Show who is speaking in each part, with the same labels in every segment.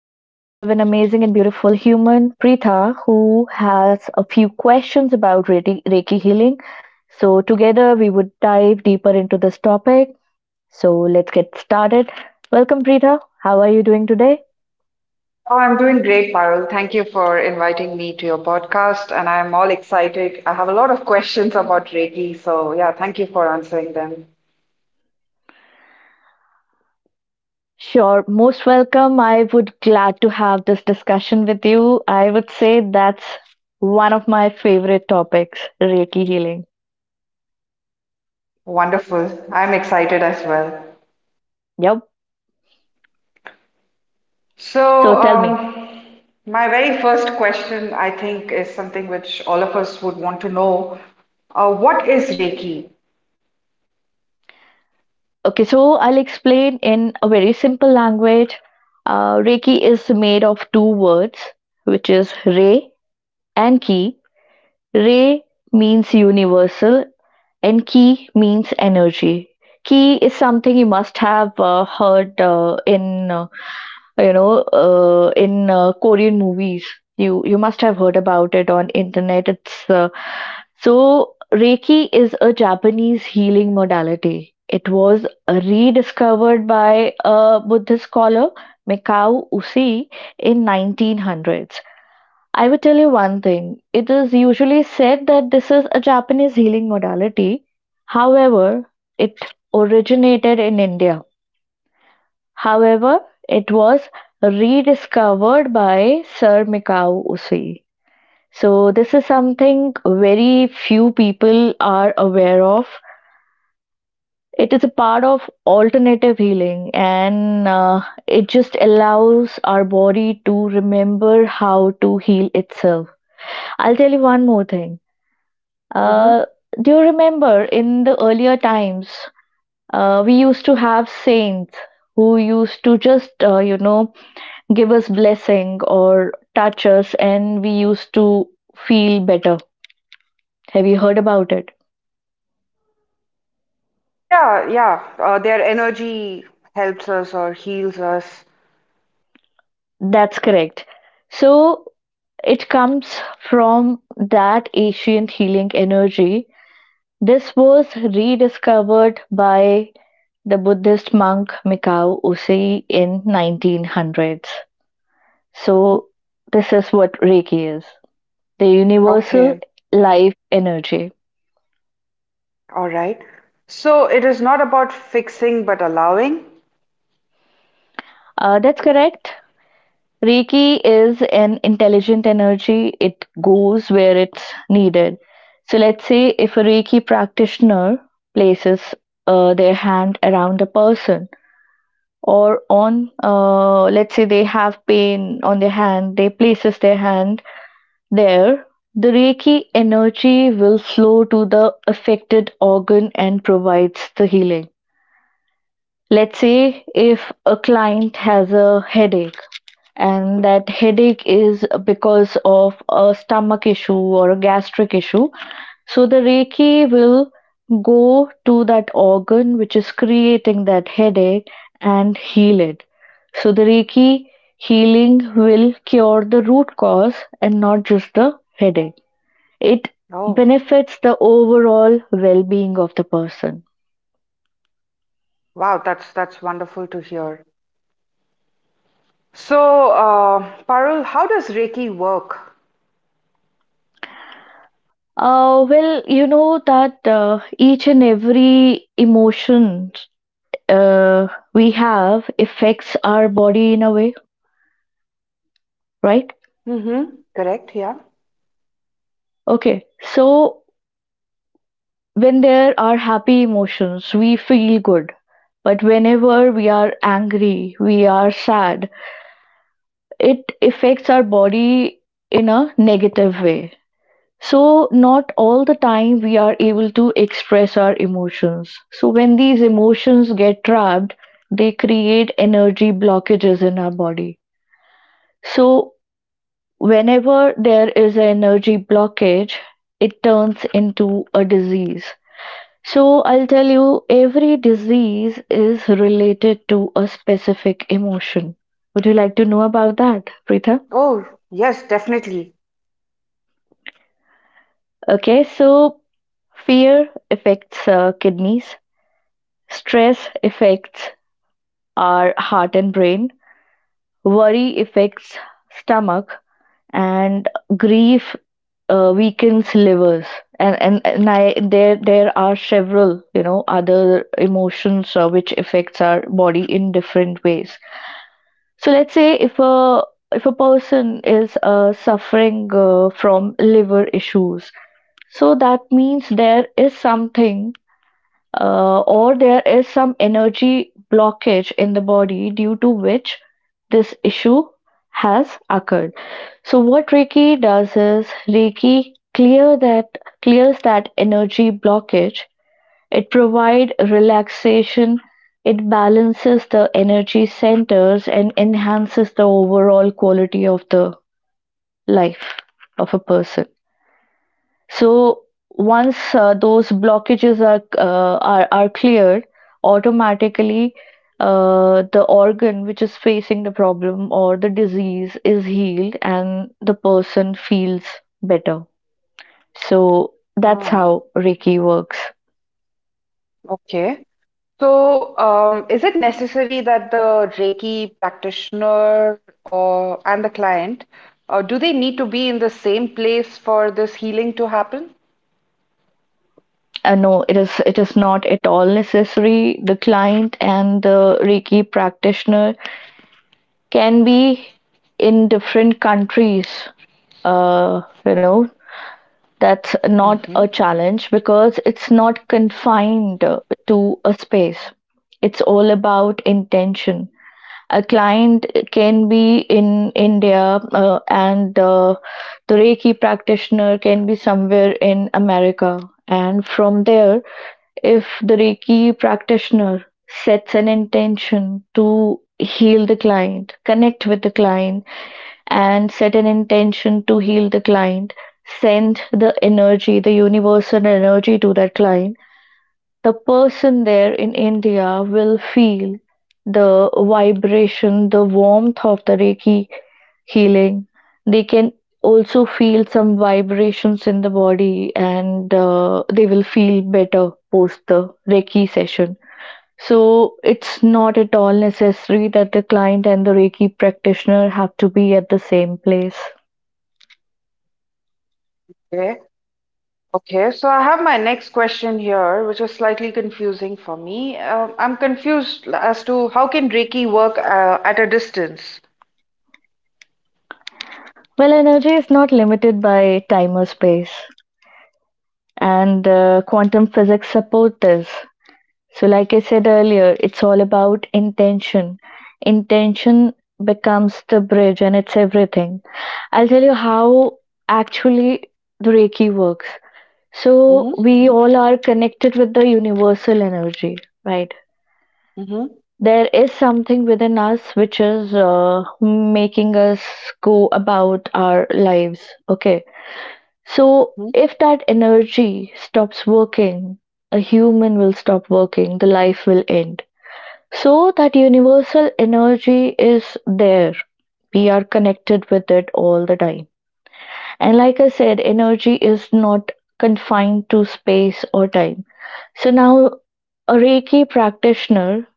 Speaker 1: I have an amazing and beautiful human, Preetha, who has a few questions about Reiki, Reiki healing. So together, we would dive deeper into this topic. So let's get started. Welcome, Preetha. How are you doing today?
Speaker 2: Oh, I'm doing great, Parul. Thank you for inviting me to your podcast, and I'm all excited. I have a lot of questions about Reiki, so yeah, thank you for answering them.
Speaker 1: Sure, most welcome. I would glad to have this discussion with you. I would say that's one of my favorite topics, Reiki healing.
Speaker 2: Wonderful. I'm excited as well.
Speaker 1: Yep.
Speaker 2: So,
Speaker 1: So tell me,
Speaker 2: um, my very first question, I think, is something which all of us would want to know. What is Reiki?
Speaker 1: okay, so I'll explain in a very simple language. Reiki is made of two words, which is Re and Ki. Re means universal, and Ki means energy. Ki is something you must have heard in in Korean movies. You must have heard about it on internet. It's uh, so Reiki is a Japanese healing modality. It was rediscovered by a Buddhist scholar, Mikao Usui, in 1900s. I will tell you one thing. It is usually said that this is a Japanese healing modality, however, it originated in India. However, it was rediscovered by Sir Mikao-Usui. So this is something very few people are aware of. It is a part of alternative healing, and it just allows our body to remember how to heal itself. I'll tell you one more thing.
Speaker 2: hmm
Speaker 1: Uh, do you remember in the earlier times, we used to have saints who used to just, give us blessing or touch us, and we used to feel better. Have you heard about it?
Speaker 2: Yeah, yeah. Their energy helps us or heals us.
Speaker 1: That's correct. So it comes from that ancient healing energy. This was rediscovered by the Buddhist monk Mikao Usui in 1900s. So this is what Reiki is, the universal
Speaker 2: Okay.
Speaker 1: life energy.
Speaker 2: All right. So it is not about fixing but allowing.
Speaker 1: That's correct. Reiki is an intelligent energy. It goes where it's needed. So let's say if a Reiki practitioner places their hand around a person, or on let's say they have pain on their hand, they places their hand there, the Reiki energy will flow to the affected organ and provides the healing. Let's say if a client has a headache, and that headache is because of a stomach issue or a gastric issue. So the Reiki will go to that organ which is creating that headache and heal it. So the Reiki healing will cure the root cause and not just the headache. It
Speaker 2: Oh,
Speaker 1: benefits the overall well being of the person.
Speaker 2: wow, that's wonderful to hear. So, Parul, how does Reiki work?
Speaker 1: Well, you know that each and every emotion uh, we have affects our body in a way, right?
Speaker 2: Mm-hmm. Correct, yeah.
Speaker 1: Okay, so when there are happy emotions, we feel good. But whenever we are angry, we are sad, it affects our body in a negative way. So not all the time we are able to express our emotions. So when these emotions get trapped, they create energy blockages in our body. So whenever there is an energy blockage, it turns into a disease. So I'll tell you every disease is related to a specific emotion. Would you like to know about that, Preetha?
Speaker 2: Oh, yes, definitely.
Speaker 1: Okay, so fear affects kidneys, stress affects our heart and brain, worry affects stomach, and grief weakens livers. And I, there are several, you know, other emotions which affects our body in different ways. So let's say if a person is suffering from liver issues, so that means there is something, or there is some energy blockage in the body, due to which this issue has occurred. So what Reiki does is Reiki clears that energy blockage. It provides relaxation, it balances the energy centers, and enhances the overall quality of the life of a person. So once those blockages are cleared, automatically the organ which is facing the problem or the disease is healed, and the person feels better. So that's
Speaker 2: Oh,
Speaker 1: how Reiki works.
Speaker 2: okay. So, is it necessary that the Reiki practitioner or and the client, do they need to be in the same place for this healing to happen?
Speaker 1: No, it is not at all necessary. The client and the Reiki practitioner can be in different countries. You know, that's not
Speaker 2: Mm-hmm.
Speaker 1: a challenge, because it's not confined to a space. It's all about intention. A client can be in India, and the Reiki practitioner can be somewhere in America. And from there, if the Reiki practitioner sets an intention to heal the client, connect with the client, and set an intention to heal the client, send the energy, the universal energy to that client, the person there in India will feel the vibration, the warmth of the Reiki healing. They can also feel some vibrations in the body, and they will feel better post the Reiki session. So it's not at all necessary that the client and the Reiki practitioner have to be at the same place.
Speaker 2: Okay, so I have my next question here, which is slightly confusing for me. I'm confused as to how can Reiki work at a distance?
Speaker 1: Well, energy is not limited by time or space, and quantum physics support this. So like I said earlier, it's all about intention. Intention becomes the bridge, and it's everything. I'll tell you how actually the Reiki works. So
Speaker 2: Mm-hmm,
Speaker 1: we all are connected with the universal energy, right?
Speaker 2: mm-hmm,
Speaker 1: There is something within us which is making us go about our lives, okay? So
Speaker 2: mm-hmm,
Speaker 1: if that energy stops working, a human will stop working, the life will end. So that universal energy is there. We are connected with it all the time. And like I said, energy is not confined to space or time. So now a Reiki practitioner,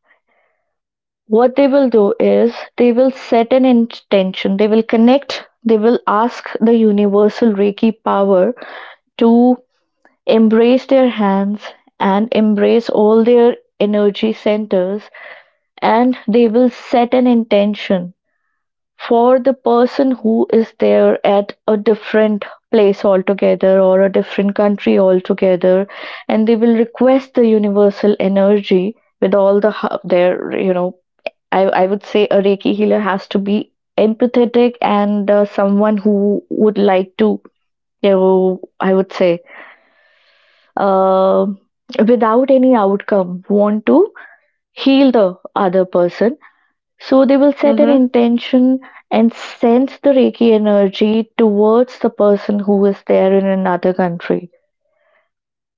Speaker 1: what they will do is they will set an intention, they will connect, they will ask the universal Reiki power to embrace their hands, and embrace all their energy centers, and they will set an intention for the person who is there at a different place altogether or a different country altogether, and they will request the universal energy with all the their I would say a Reiki healer has to be empathetic, and someone who would like to, you know, I would say, uh, without any outcome want to heal the other person. So they will set an
Speaker 2: mm-hmm.
Speaker 1: intention and send the Reiki energy towards the person who is there in another country.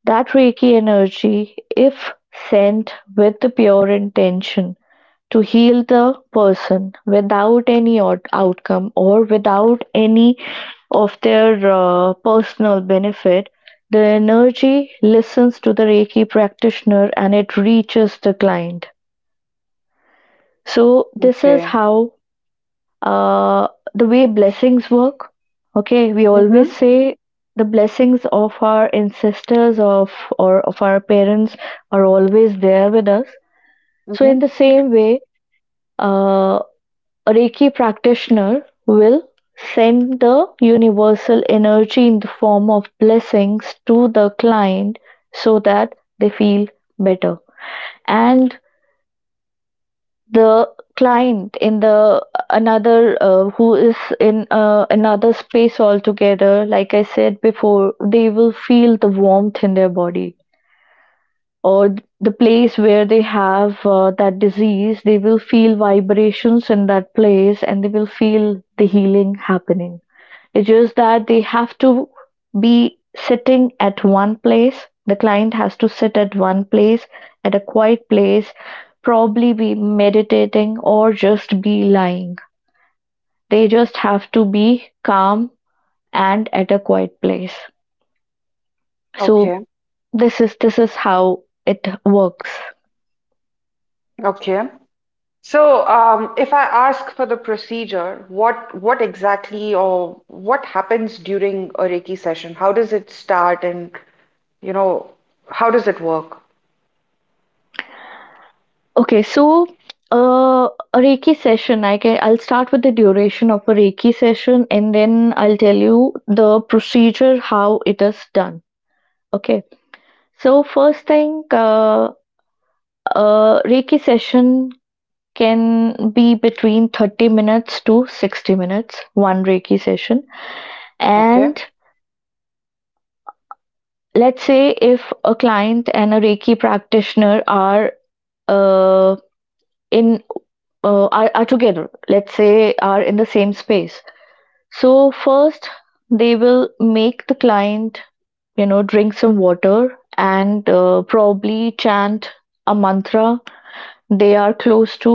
Speaker 1: That Reiki energy, if sent with the pure intention to heal the person without any outcome, or without any of their personal benefit, the energy listens to the Reiki practitioner, and it reaches the client. So this is
Speaker 2: Okay.
Speaker 1: how, uh, the way blessings work. Okay, we always
Speaker 2: Mm-hmm,
Speaker 1: say the blessings of our ancestors, of or of our parents, are always there with us. So
Speaker 2: mm-hmm.
Speaker 1: in the same way, uh, a Reiki practitioner will send the universal energy in the form of blessings to the client, so that they feel better. And the client in the another, who is in another space altogether, like I said before, they will feel the warmth in their body, or the place where they have that disease, they will feel vibrations in that place, and they will feel the healing happening. It's just that they have to be sitting at one place. The client has to sit at one place, at a quiet place, probably be meditating or just be lying. They just have to be calm and at a quiet place.
Speaker 2: Okay,
Speaker 1: So this is how it works.
Speaker 2: okay. So, if I ask for the procedure, what exactly or what happens during a Reiki session? How does it start, and you know, how does it work?
Speaker 1: Okay, so uh, a Reiki session. I'll start with the duration of a Reiki session, and then I'll tell you the procedure how it is done. Okay, so first thing, a Reiki session can be between 30 minutes to 60 minutes, one Reiki session.
Speaker 2: Okay.
Speaker 1: And let's say if a client and a Reiki practitioner are uh, in together, let's say are in the same space. So first they will make the client, you know, drink some water, and probably chant a mantra they are close to,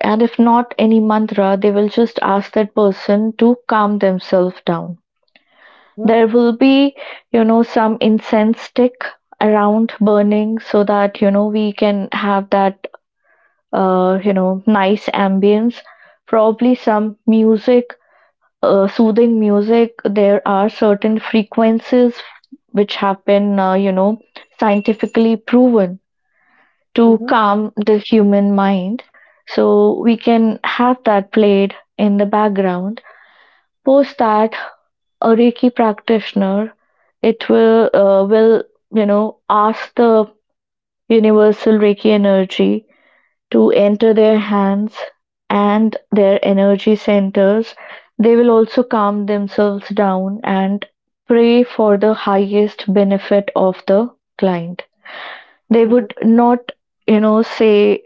Speaker 1: and if not any mantra, they will just ask that person to calm themselves down.
Speaker 2: Mm-hmm,
Speaker 1: There will be, you know, some incense stick around burning, so that, you know, we can have that, nice ambience. Probably some music, soothing music. There are certain frequencies which have been, scientifically proven to
Speaker 2: mm-hmm,
Speaker 1: calm the human mind. So we can have that played in the background. Post that, a Reiki practitioner it will will, you know, ask the universal Reiki energy to enter their hands and their energy centers. They will also calm themselves down and pray for the highest benefit of the client. They
Speaker 2: mm-hmm,
Speaker 1: would not say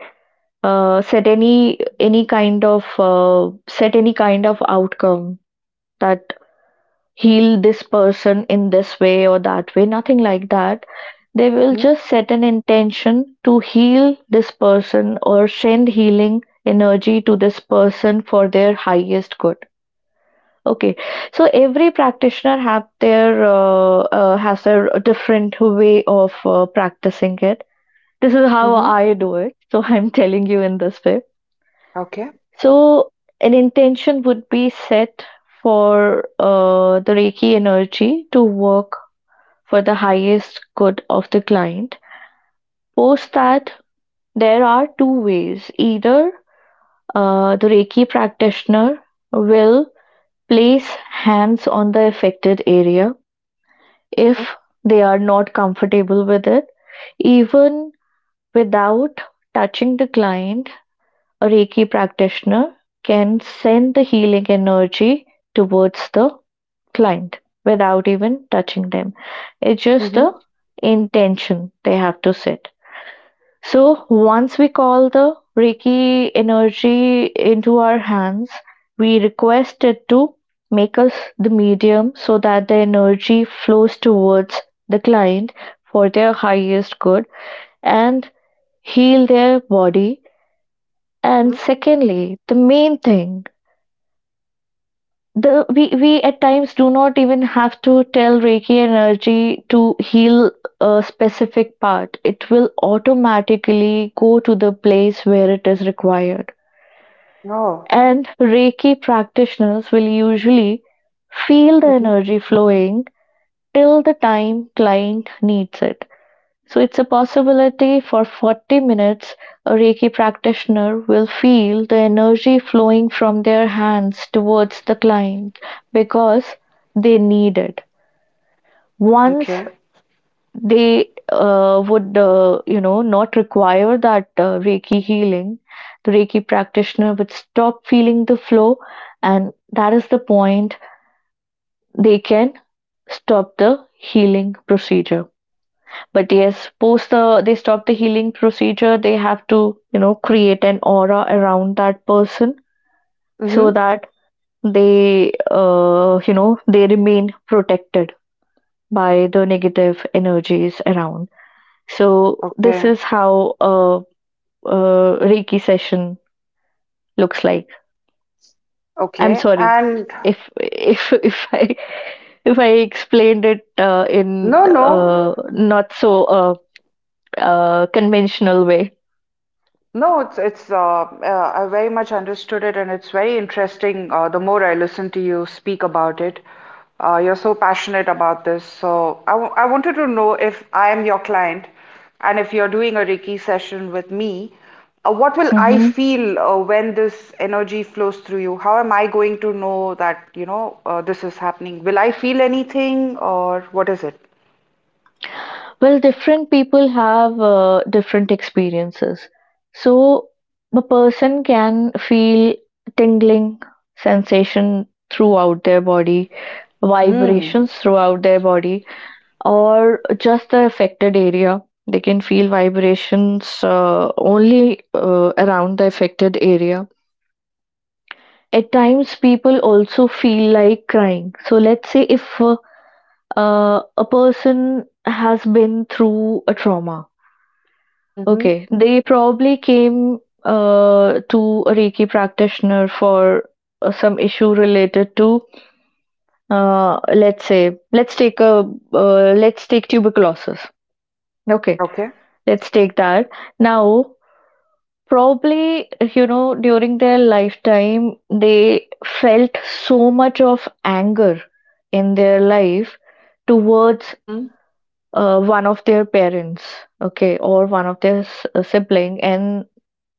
Speaker 1: set any kind of set any kind of outcome that heal this person in this way or that way, nothing like that. They will just set an intention to heal this person or send healing energy to this person for their highest good. Okay, so every practitioner have their has their different way of practicing it. This is how
Speaker 2: mm-hmm.
Speaker 1: I do it, so I'm telling you in this way.
Speaker 2: Okay.
Speaker 1: So an intention would be set for the Reiki energy to work for the highest good of the client. Post that, there are two ways. Either the Reiki practitioner will place hands on the affected area if they are not comfortable with it. Even without touching the client, a Reiki practitioner can send the healing energy towards the client without even touching them. It's just
Speaker 2: Mhm.
Speaker 1: the intention they have to set. So once we call the Reiki energy into our hands, we request it to make us the medium so that the energy flows towards the client for their highest good and heal their body. And
Speaker 2: Mhm.
Speaker 1: secondly, the main thing, the we at times do not even have to tell reiki energy to heal a specific part. It will automatically go to the place where it is required,
Speaker 2: Oh,
Speaker 1: and reiki practitioners will usually feel the
Speaker 2: Mhm.
Speaker 1: energy flowing till the time client needs it. So it's a possibility for 40 minutes a Reiki practitioner will feel the energy flowing from their hands towards the client because they need it. Once
Speaker 2: okay.
Speaker 1: they would, not require that Reiki healing, the Reiki practitioner would stop feeling the flow, and that is the point they can stop the healing procedure. But yes, post they stop the healing procedure, they have to, create an aura around that person so
Speaker 2: Mhm.
Speaker 1: that they they remain protected by the negative energies around. So this
Speaker 2: Okay,
Speaker 1: is how a Reiki session looks like. I'm
Speaker 2: okay.
Speaker 1: sorry
Speaker 2: And
Speaker 1: if if I explained it in
Speaker 2: no, no.
Speaker 1: not so conventional way.
Speaker 2: No, it's I very much understood it, and it's very interesting. The more I listen to you speak about it, you're so passionate about this. I wanted to know if I am your client, and if you're doing a Reiki session with me, what will I
Speaker 1: Mm-hmm.
Speaker 2: feel when this energy flows through you? How am I going to know that this is happening? Will I feel anything, or what is it?
Speaker 1: Well, different people have different experiences. So a person can feel tingling sensation throughout their body,
Speaker 2: Hmm.
Speaker 1: vibrations throughout their body, or just the affected area. They can feel vibrations only around the affected area. At times, people also feel like crying. So, let's say if a person has been through a trauma.
Speaker 2: Mm-hmm.
Speaker 1: Okay, they probably came to a Reiki practitioner for some issue related to, let's say, let's take a let's take tuberculosis. Okay,
Speaker 2: Okay.
Speaker 1: let's take that. Now, probably you know during their lifetime they felt so much of anger in their life towards
Speaker 2: Mm-hmm.
Speaker 1: one of their parents, okay, or one of their sibling, and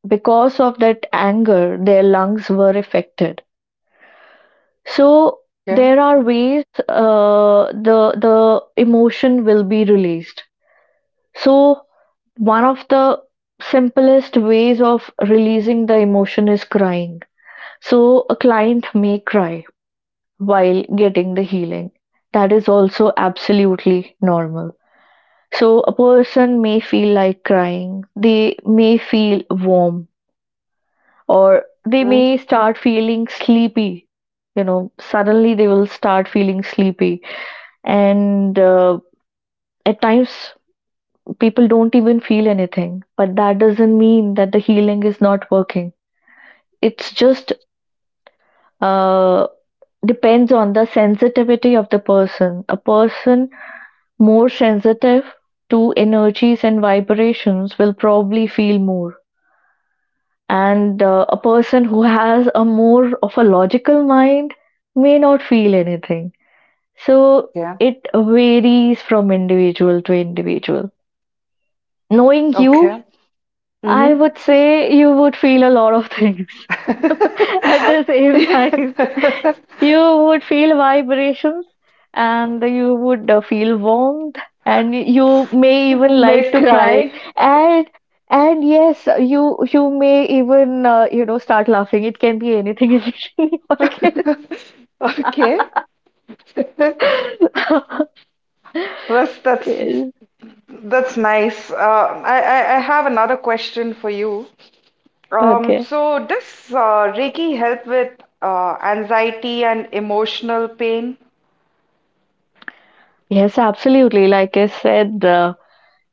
Speaker 1: because of that anger their lungs were affected. So
Speaker 2: Okay.
Speaker 1: there are ways the the emotion will be released. So one of the simplest ways of releasing the emotion is crying. So a client may cry while getting the healing. That is also absolutely normal. So a person may feel like crying, they may feel warm, or they
Speaker 2: Mm,
Speaker 1: may start feeling sleepy. You know, suddenly they will start feeling sleepy, and at times people don't even feel anything. But that doesn't mean that the healing is not working. It's just uh, depends on the sensitivity of the person. A person more sensitive to energies and vibrations will probably feel more, and a person who has a more of a logical mind may not feel anything. So
Speaker 2: Yeah.
Speaker 1: it varies from individual to individual. Knowing you,
Speaker 2: Okay. hmm
Speaker 1: I would say you would feel a lot of things at the same time. You would feel vibrations, and you would feel warmth, and you may even like
Speaker 2: May
Speaker 1: to cry,
Speaker 2: cry.
Speaker 1: and and yes, you may even start laughing. It can be anything in your
Speaker 2: Okay. That's
Speaker 1: case.
Speaker 2: that's that's nice. I have another question for you.
Speaker 1: Okay.
Speaker 2: So does Reiki help with anxiety and emotional pain?
Speaker 1: Yes, absolutely. Like I said,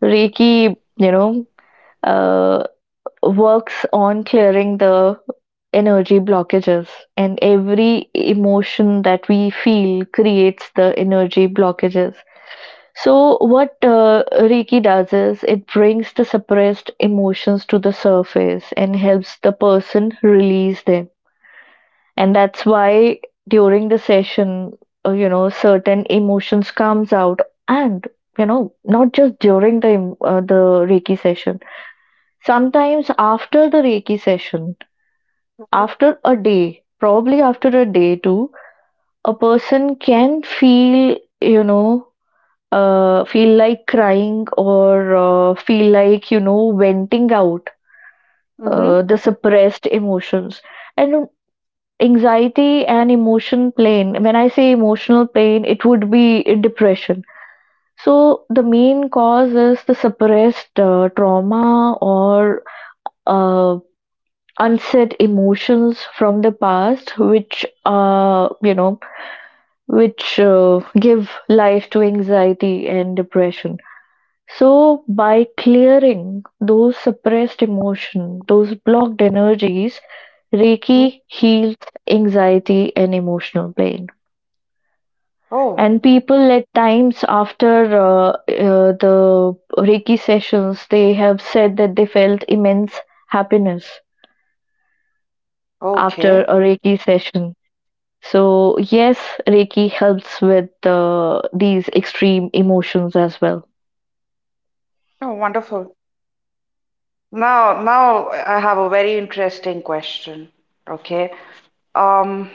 Speaker 1: reiki, uh, works on clearing the energy blockages, and every emotion that we feel creates the energy blockages. So what reiki does is it brings the suppressed emotions to the surface and helps the person release them. And that's why during the session, certain emotions comes out. And you know not just during the reiki session. Sometimes after the Reiki session,
Speaker 2: Mm-hmm.
Speaker 1: after a day, probably after a day too, a person can feel, you know, feel like crying or feel like, you know, venting out
Speaker 2: Mm-hmm.
Speaker 1: the suppressed emotions. And anxiety and emotion plane, when I say emotional plane, it would be depression. So the main cause is the suppressed trauma or uh, unsaid emotions from the past which uh you know which uh, give life to anxiety and depression. So by clearing those suppressed emotion, those blocked energies, reiki heals anxiety and emotional pain.
Speaker 2: Oh,
Speaker 1: And people at times after uh, the reiki sessions, they have said that they felt immense happiness after
Speaker 2: okay.
Speaker 1: a reiki session. So yes, Reiki helps with these extreme emotions as well.
Speaker 2: Oh, wonderful. Now, now I have a very interesting question. Okay. Um,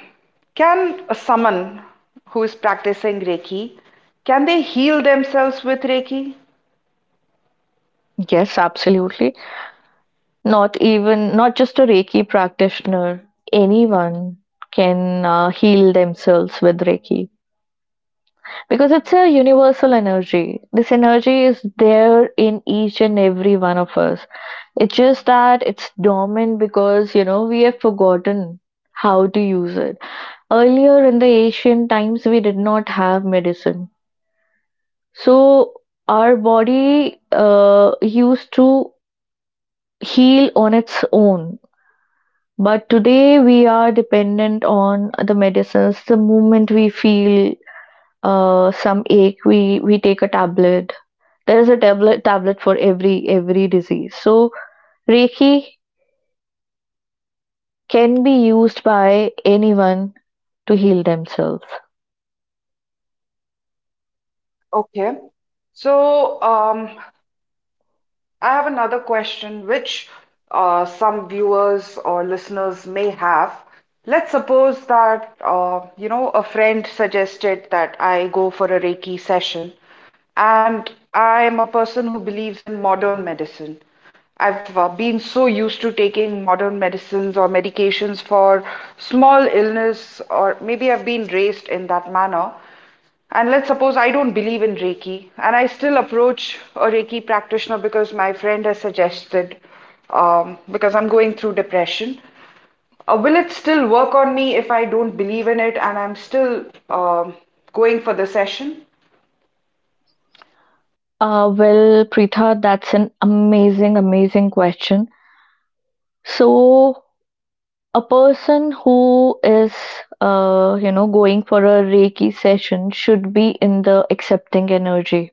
Speaker 2: can a someone who is practicing Reiki, can they heal themselves with Reiki?
Speaker 1: Yes, absolutely. Not even not just a Reiki practitioner, anyone can heal themselves with Reiki, because it's a universal energy. This energy is there in each and every one of us. It's just that it's dormant because you know we have forgotten how to use it. Earlier in the ancient times, we did not have medicine. So our body used to heal on its own. But today we are dependent on the medicines. The moment we feel some ache, we take a tablet. There is a tablet for every disease. So Reiki can be used by anyone to heal themselves.
Speaker 2: Okay. So, I have another question which some viewers or listeners may have. Let's suppose that you know a friend suggested that I go for a Reiki session, and I am a person who believes in modern medicine. I've been so used to taking modern medicines or medications for small illness, or maybe I've been raised in that manner. And let's suppose I don't believe in Reiki, and I still approach a Reiki practitioner because my friend has suggested, because I'm going through depression. Will it still work on me if I don't believe in it and I'm still um, going for the session?
Speaker 1: Well, Preetha, that's an amazing, amazing question. So a person who is going for a reiki session should be in the accepting energy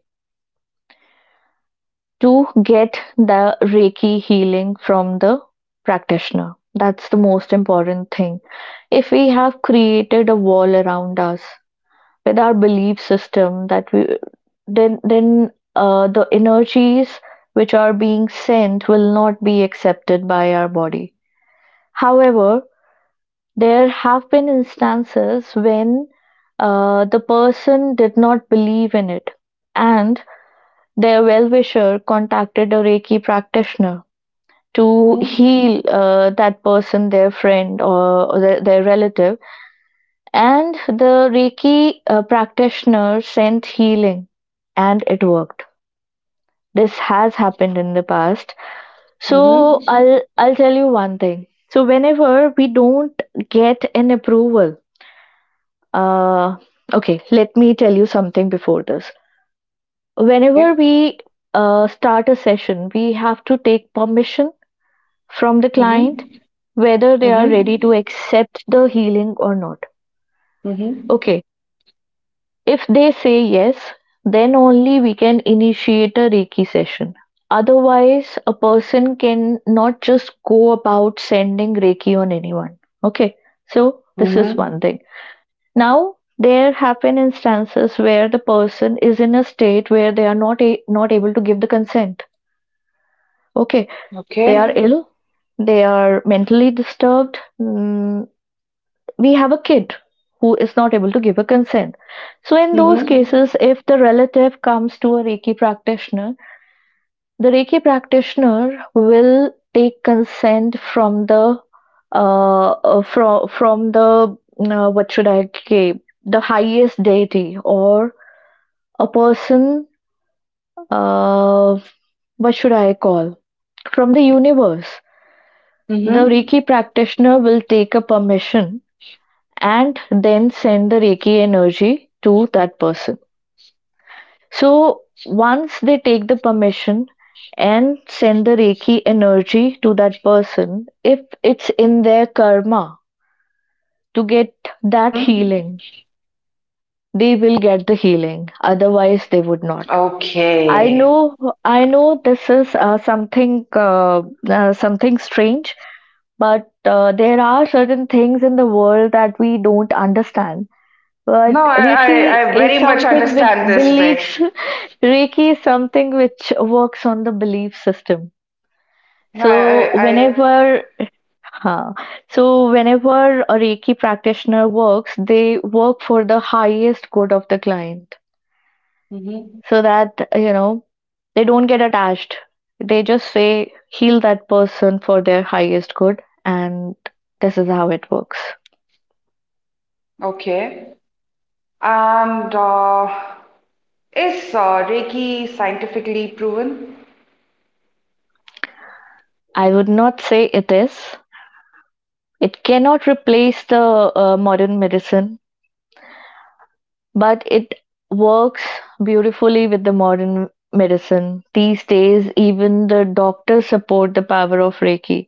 Speaker 1: to get the reiki healing from the practitioner. That's the most important thing. If we have created a wall around us with our belief system that we, then the energies which are being sent will not be accepted by our body. However, there have been instances when the person did not believe in it, and their well wisher contacted a Reiki practitioner to
Speaker 2: Mm-hmm.
Speaker 1: heal that person, their friend, or their relative. And the Reiki practitioner sent healing, and it worked. This has happened in the past.
Speaker 2: Mm-hmm.
Speaker 1: So I'll tell you one thing. So whenever we don't get an approval. Uh, okay, let me tell you something before this. Whenever
Speaker 2: Okay.
Speaker 1: we start a session, we have to take permission from the client
Speaker 2: Mm-hmm.
Speaker 1: whether they are
Speaker 2: Mm-hmm.
Speaker 1: ready to accept the healing or not.
Speaker 2: Mm-hmm.
Speaker 1: Okay, if they say yes, then only we can initiate a Reiki session. Otherwise, a person can not just go about sending Reiki on anyone. Okay, so this is
Speaker 2: Mm-hmm.
Speaker 1: one thing. Now, there happen instances where the person is in a state where they are not able to give the consent. Okay, they are
Speaker 2: Okay.
Speaker 1: ill, they are mentally disturbed. Mm, we have a kid who is not able to give a consent. So in those
Speaker 2: Mm-hmm.
Speaker 1: cases, if the relative comes to a Reiki practitioner, the Reiki practitioner will take consent from the what should I say, the highest deity, or a person, uh, what should I call, from the universe. The
Speaker 2: Mm-hmm.
Speaker 1: Reiki practitioner will take a permission and then send the Reiki energy to that person. So once they take the permission and send the Reiki energy to that person, if it's in their karma to get that
Speaker 2: Mm-hmm.
Speaker 1: healing, they will get the healing. Otherwise, they would not. I
Speaker 2: Okay.
Speaker 1: know, I know this is something strange, but there are certain things in the world that we don't understand.
Speaker 2: No,
Speaker 1: But Reiki
Speaker 2: I
Speaker 1: is
Speaker 2: very much
Speaker 1: something with
Speaker 2: understand this bit.
Speaker 1: beliefs. Reiki is something which works on the belief system.
Speaker 2: No,
Speaker 1: So
Speaker 2: I,
Speaker 1: whenever, huh, so whenever a Reiki practitioner works, they work for the highest good of the client.
Speaker 2: mhm,
Speaker 1: So that they don't get attached. They just say heal that person for their highest good, and this is how it works.
Speaker 2: okay. And is Reiki scientifically proven?
Speaker 1: I would not say it is. It cannot replace the modern medicine, but it works beautifully with the modern medicine. These days even the doctors support the power of reiki.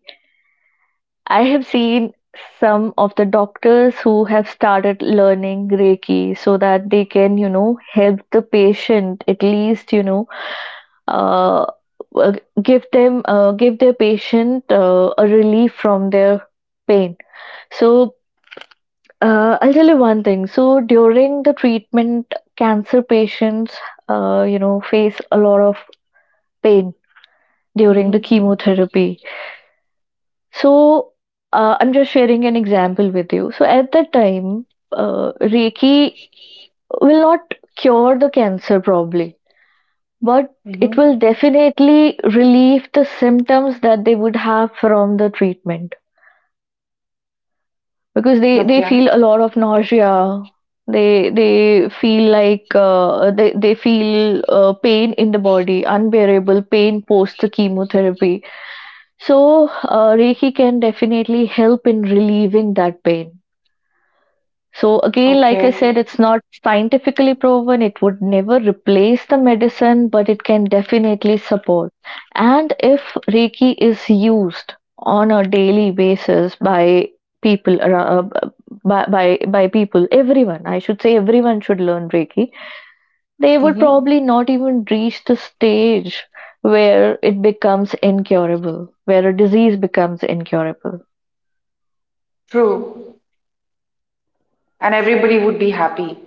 Speaker 1: I have seen some of the doctors who have started learning Reiki so that they can, you know, help the patient, at least, you know, uh, uh, give them, give their patient a relief from their pain. So I'll tell you one thing. So during the treatment, cancer patients face a lot of pain during the
Speaker 2: hmm
Speaker 1: chemotherapy. So, I'm just sharing an example with you. So, at that time, Reiki will not cure the cancer probably, but it will
Speaker 2: hmm
Speaker 1: definitely relieve the symptoms that they would have from the treatment because they
Speaker 2: Okay,
Speaker 1: feel a lot of nausea. They feel like they feel pain in the body, unbearable pain post the chemotherapy. So Reiki can definitely help in relieving that pain. So, again, like I
Speaker 2: okay.
Speaker 1: said, it's not scientifically proven, it would never replace the medicine, but it can definitely support. And if Reiki is used on a daily basis by people around, by people, everyone, I should say everyone should learn Reiki, they would
Speaker 2: hmm
Speaker 1: probably not even reach the stage where it becomes incurable, where a disease becomes incurable.
Speaker 2: True. And everybody would be happy.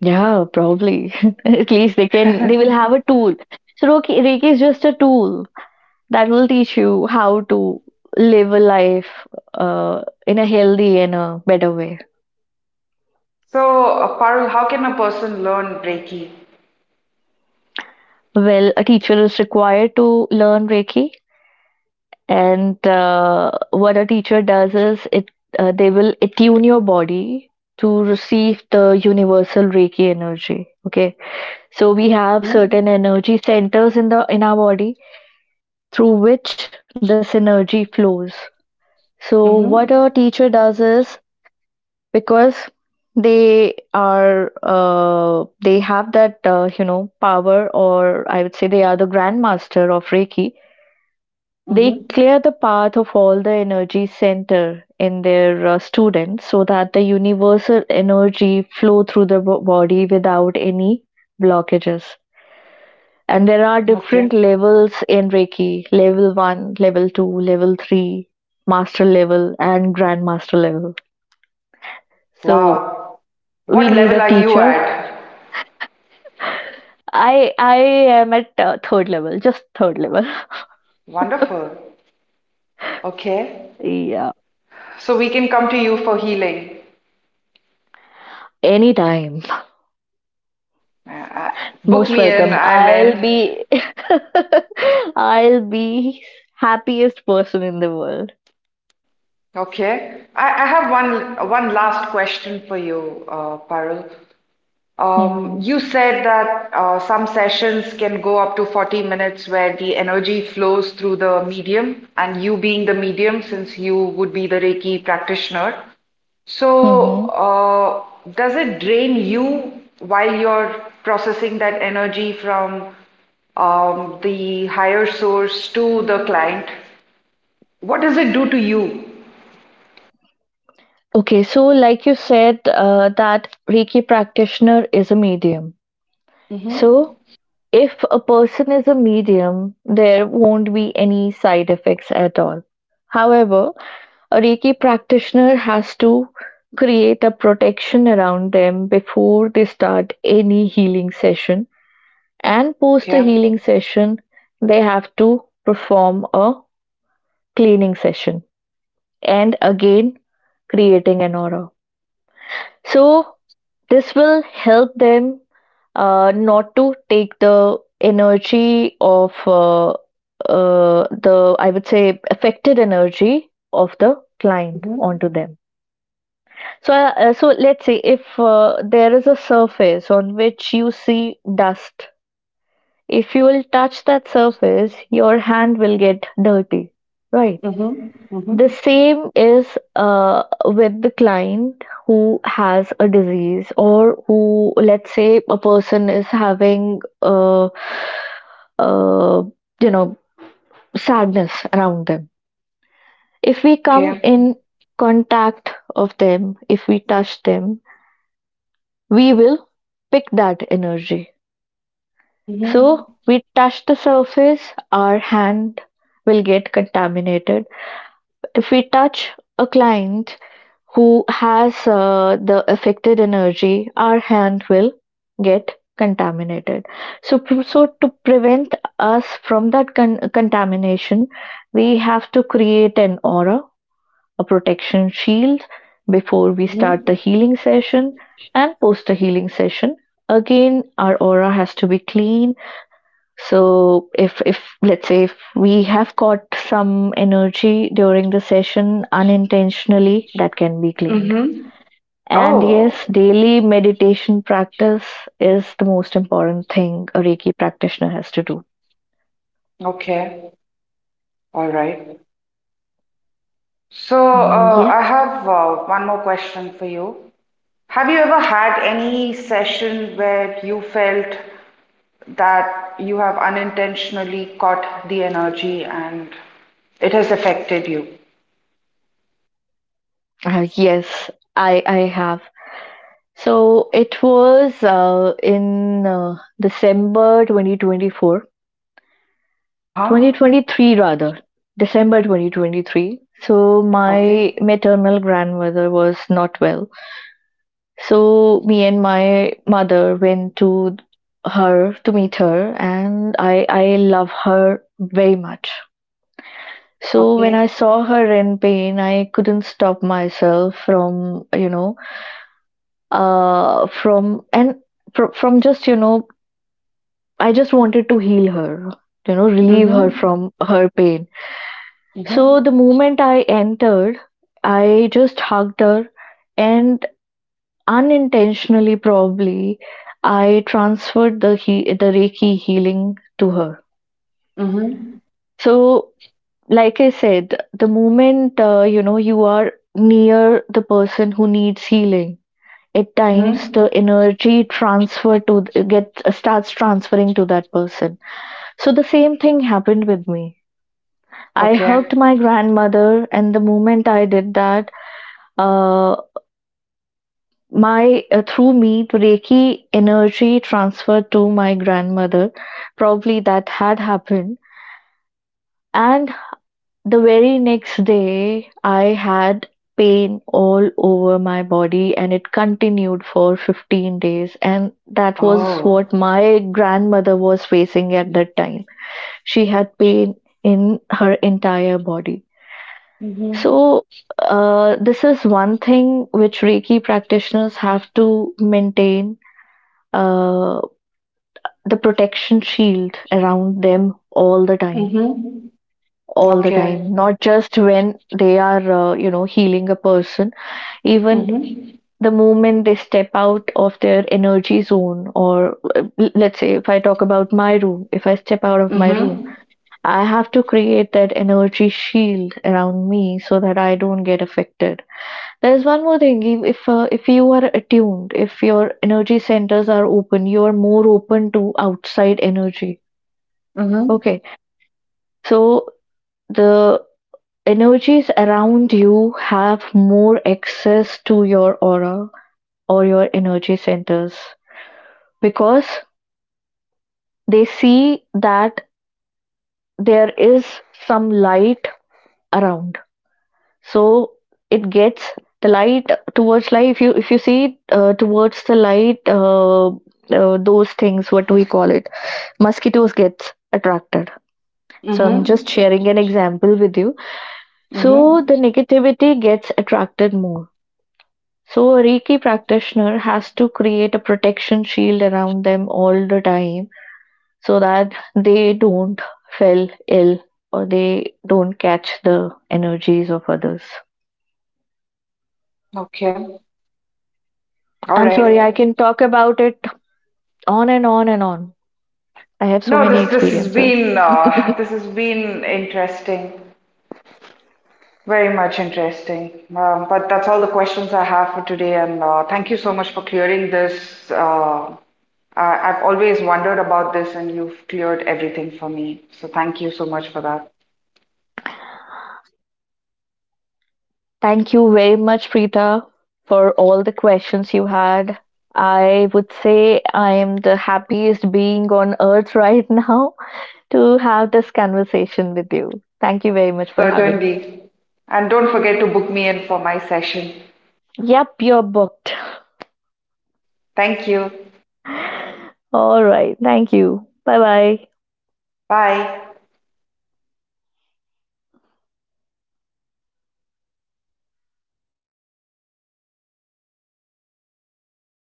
Speaker 1: Yeah, probably. At least they can, they will have a tool. So Reiki, Reiki is just a tool that will teach you how to live a life uh, in a healthy and a better way.
Speaker 2: So, Parul, how can a person learn Reiki?
Speaker 1: Well, a teacher is required to learn Reiki, and what a teacher does is it they will attune your body to receive the universal Reiki energy. Okay, so we have
Speaker 2: hmm
Speaker 1: certain energy centers in the in our body through which this energy flows. So what
Speaker 2: hmm
Speaker 1: a teacher does is, because they are they have that you know, power, or I would say they are the grandmaster of Reiki.
Speaker 2: hmm
Speaker 1: They clear the path of all the energy center in their students, so that the universal energy flow through the body without any blockages. And there are different
Speaker 2: Okay.
Speaker 1: levels in Reiki: level one, level two, level three, master level, and grandmaster level. So
Speaker 2: Wow.
Speaker 1: we
Speaker 2: What
Speaker 1: need
Speaker 2: level
Speaker 1: a
Speaker 2: are you
Speaker 1: teacher.
Speaker 2: at?
Speaker 1: I am at third level, just third level.
Speaker 2: Wonderful. Okay.
Speaker 1: Yeah,
Speaker 2: So we can come to you for healing.
Speaker 1: anytime.
Speaker 2: Uh, uh, Book
Speaker 1: Most
Speaker 2: me in,
Speaker 1: welcome.
Speaker 2: I'm
Speaker 1: I'll
Speaker 2: in.
Speaker 1: be I'll be happiest person in the world.
Speaker 2: Okay. I have one last question for you, Parul.
Speaker 1: Hmm.
Speaker 2: You said that some sessions can go up to 40 minutes where the energy flows through the medium, and you being the medium, since you would be the Reiki practitioner. So,
Speaker 1: Mm-hmm.
Speaker 2: does it drain you while you're processing that energy from the higher source to the client? What does it do to you?
Speaker 1: Okay, so like you said, that Reiki practitioner is a medium. So
Speaker 2: Mm-hmm.
Speaker 1: if a person is a medium, there won't be any side effects at all. However, a Reiki practitioner has to create a protection around them before they start any healing session, and post a
Speaker 2: Okay.
Speaker 1: healing session, they have to perform a cleaning session and again creating an aura. So this will help them not to take the energy of the, I would say, affected energy of the client
Speaker 2: Mm-hmm.
Speaker 1: onto them. So, so let's say if there is a surface on which you see dust, if you will touch that surface, your hand will get dirty, right?
Speaker 2: Mm-hmm. Mm-hmm.
Speaker 1: The same is with the client who has a disease, or who, let's say, a person is having, uh, you know, sadness around them. If we come
Speaker 2: Okay.
Speaker 1: in contact of them, if we touch them, we will pick that energy.
Speaker 2: Mm-hmm.
Speaker 1: So we touch the surface, our hand will get contaminated. If we touch a client who has the affected energy, our hand will get contaminated. So, so to prevent us from that contamination, we have to create an aura, a protection shield, before we
Speaker 2: Mm-hmm.
Speaker 1: start the healing session, and post the healing session, again our aura has to be clean. So if let's say if we have caught some energy during the session unintentionally, that can be cleaned.
Speaker 2: Mm-hmm.
Speaker 1: And yes,
Speaker 2: Oh,
Speaker 1: daily meditation practice is the most important thing a Reiki practitioner has to do.
Speaker 2: okay. All right. So,
Speaker 1: Yes.
Speaker 2: I have one more question for you. Have you ever had any session where you felt that you have unintentionally caught the energy and it has affected you?
Speaker 1: Yes, i I have. So it was in December 2024,
Speaker 2: Uh-huh.
Speaker 1: 2023 rather, December 2023. So my
Speaker 2: Okay.
Speaker 1: maternal grandmother was not well. So me and my mother went to her, to meet her, and I love her very much. So when
Speaker 2: Okay.
Speaker 1: I saw her in pain, I couldn't stop myself from, you know, uh from and from just, you know, I just wanted to heal her, you know, relieve her
Speaker 2: Mm-hmm.
Speaker 1: from her pain. So
Speaker 2: Mm-hmm.
Speaker 1: the moment I entered, I just hugged her, and unintentionally, probably, I transferred the the Reiki healing to her.
Speaker 2: Mhm.
Speaker 1: So like I said, the moment you know, you are near the person who needs healing, at times
Speaker 2: Mhm.
Speaker 1: the energy transfer to get starts transferring to that person. So the same thing happened with me. I
Speaker 2: Okay.
Speaker 1: hugged my grandmother, and the moment I did that, uh, my through me the Reiki energy transferred to my grandmother. Probably that had happened, and the very next day I had pain all over my body, and it continued for 15 days, and that was
Speaker 2: Oh.
Speaker 1: what my grandmother was facing at that time. She had pain in her entire body.
Speaker 2: Mhm.
Speaker 1: So, this is one thing which Reiki practitioners have to maintain, uh, the protection shield around them all the time.
Speaker 2: Mhm.
Speaker 1: All the
Speaker 2: Okay.
Speaker 1: time, not just when they are, you know, healing a person, even
Speaker 2: Mhm.
Speaker 1: the moment they step out of their energy zone, or let's say if I talk about my room, if I step out of my room,
Speaker 2: Mhm.
Speaker 1: I have to create that energy shield around me so that I don't get affected. There's one more thing. If if you are attuned, if your energy centers are open, you are more open to outside energy.
Speaker 2: Mhm.
Speaker 1: Okay, so the energies around you have more access to your aura or your energy centers, because they see that there is some light around, so it gets the light. Towards light, if you see, towards the light, those things, what do we call it, mosquitoes gets attracted. So I'm just
Speaker 2: Mhm.
Speaker 1: sharing an example with you. So
Speaker 2: Mhm.
Speaker 1: the negativity gets attracted more. So a Reiki practitioner has to create a protection shield around them all the time, so that they don't fell ill, or they don't catch the energies of others.
Speaker 2: Okay. All
Speaker 1: I'm
Speaker 2: right.
Speaker 1: sorry, I can talk about it on and on and on. I have so
Speaker 2: No,
Speaker 1: many
Speaker 2: this has
Speaker 1: experiences.
Speaker 2: been this has been interesting, very much interesting. But that's all the questions I have for today, and thank you so much for clearing this. Uh, I've always wondered about this, and you've cleared everything for me. So thank you so much for that.
Speaker 1: Thank you very much, Preeta, for all the questions you had. I would say I am the happiest being on earth right now to have this conversation with you. Thank you very much for having me.
Speaker 2: Certainly. And don't forget to book me in for my session.
Speaker 1: Yep, you're booked.
Speaker 2: Thank you.
Speaker 1: All right. Thank you. Bye bye.
Speaker 2: Bye.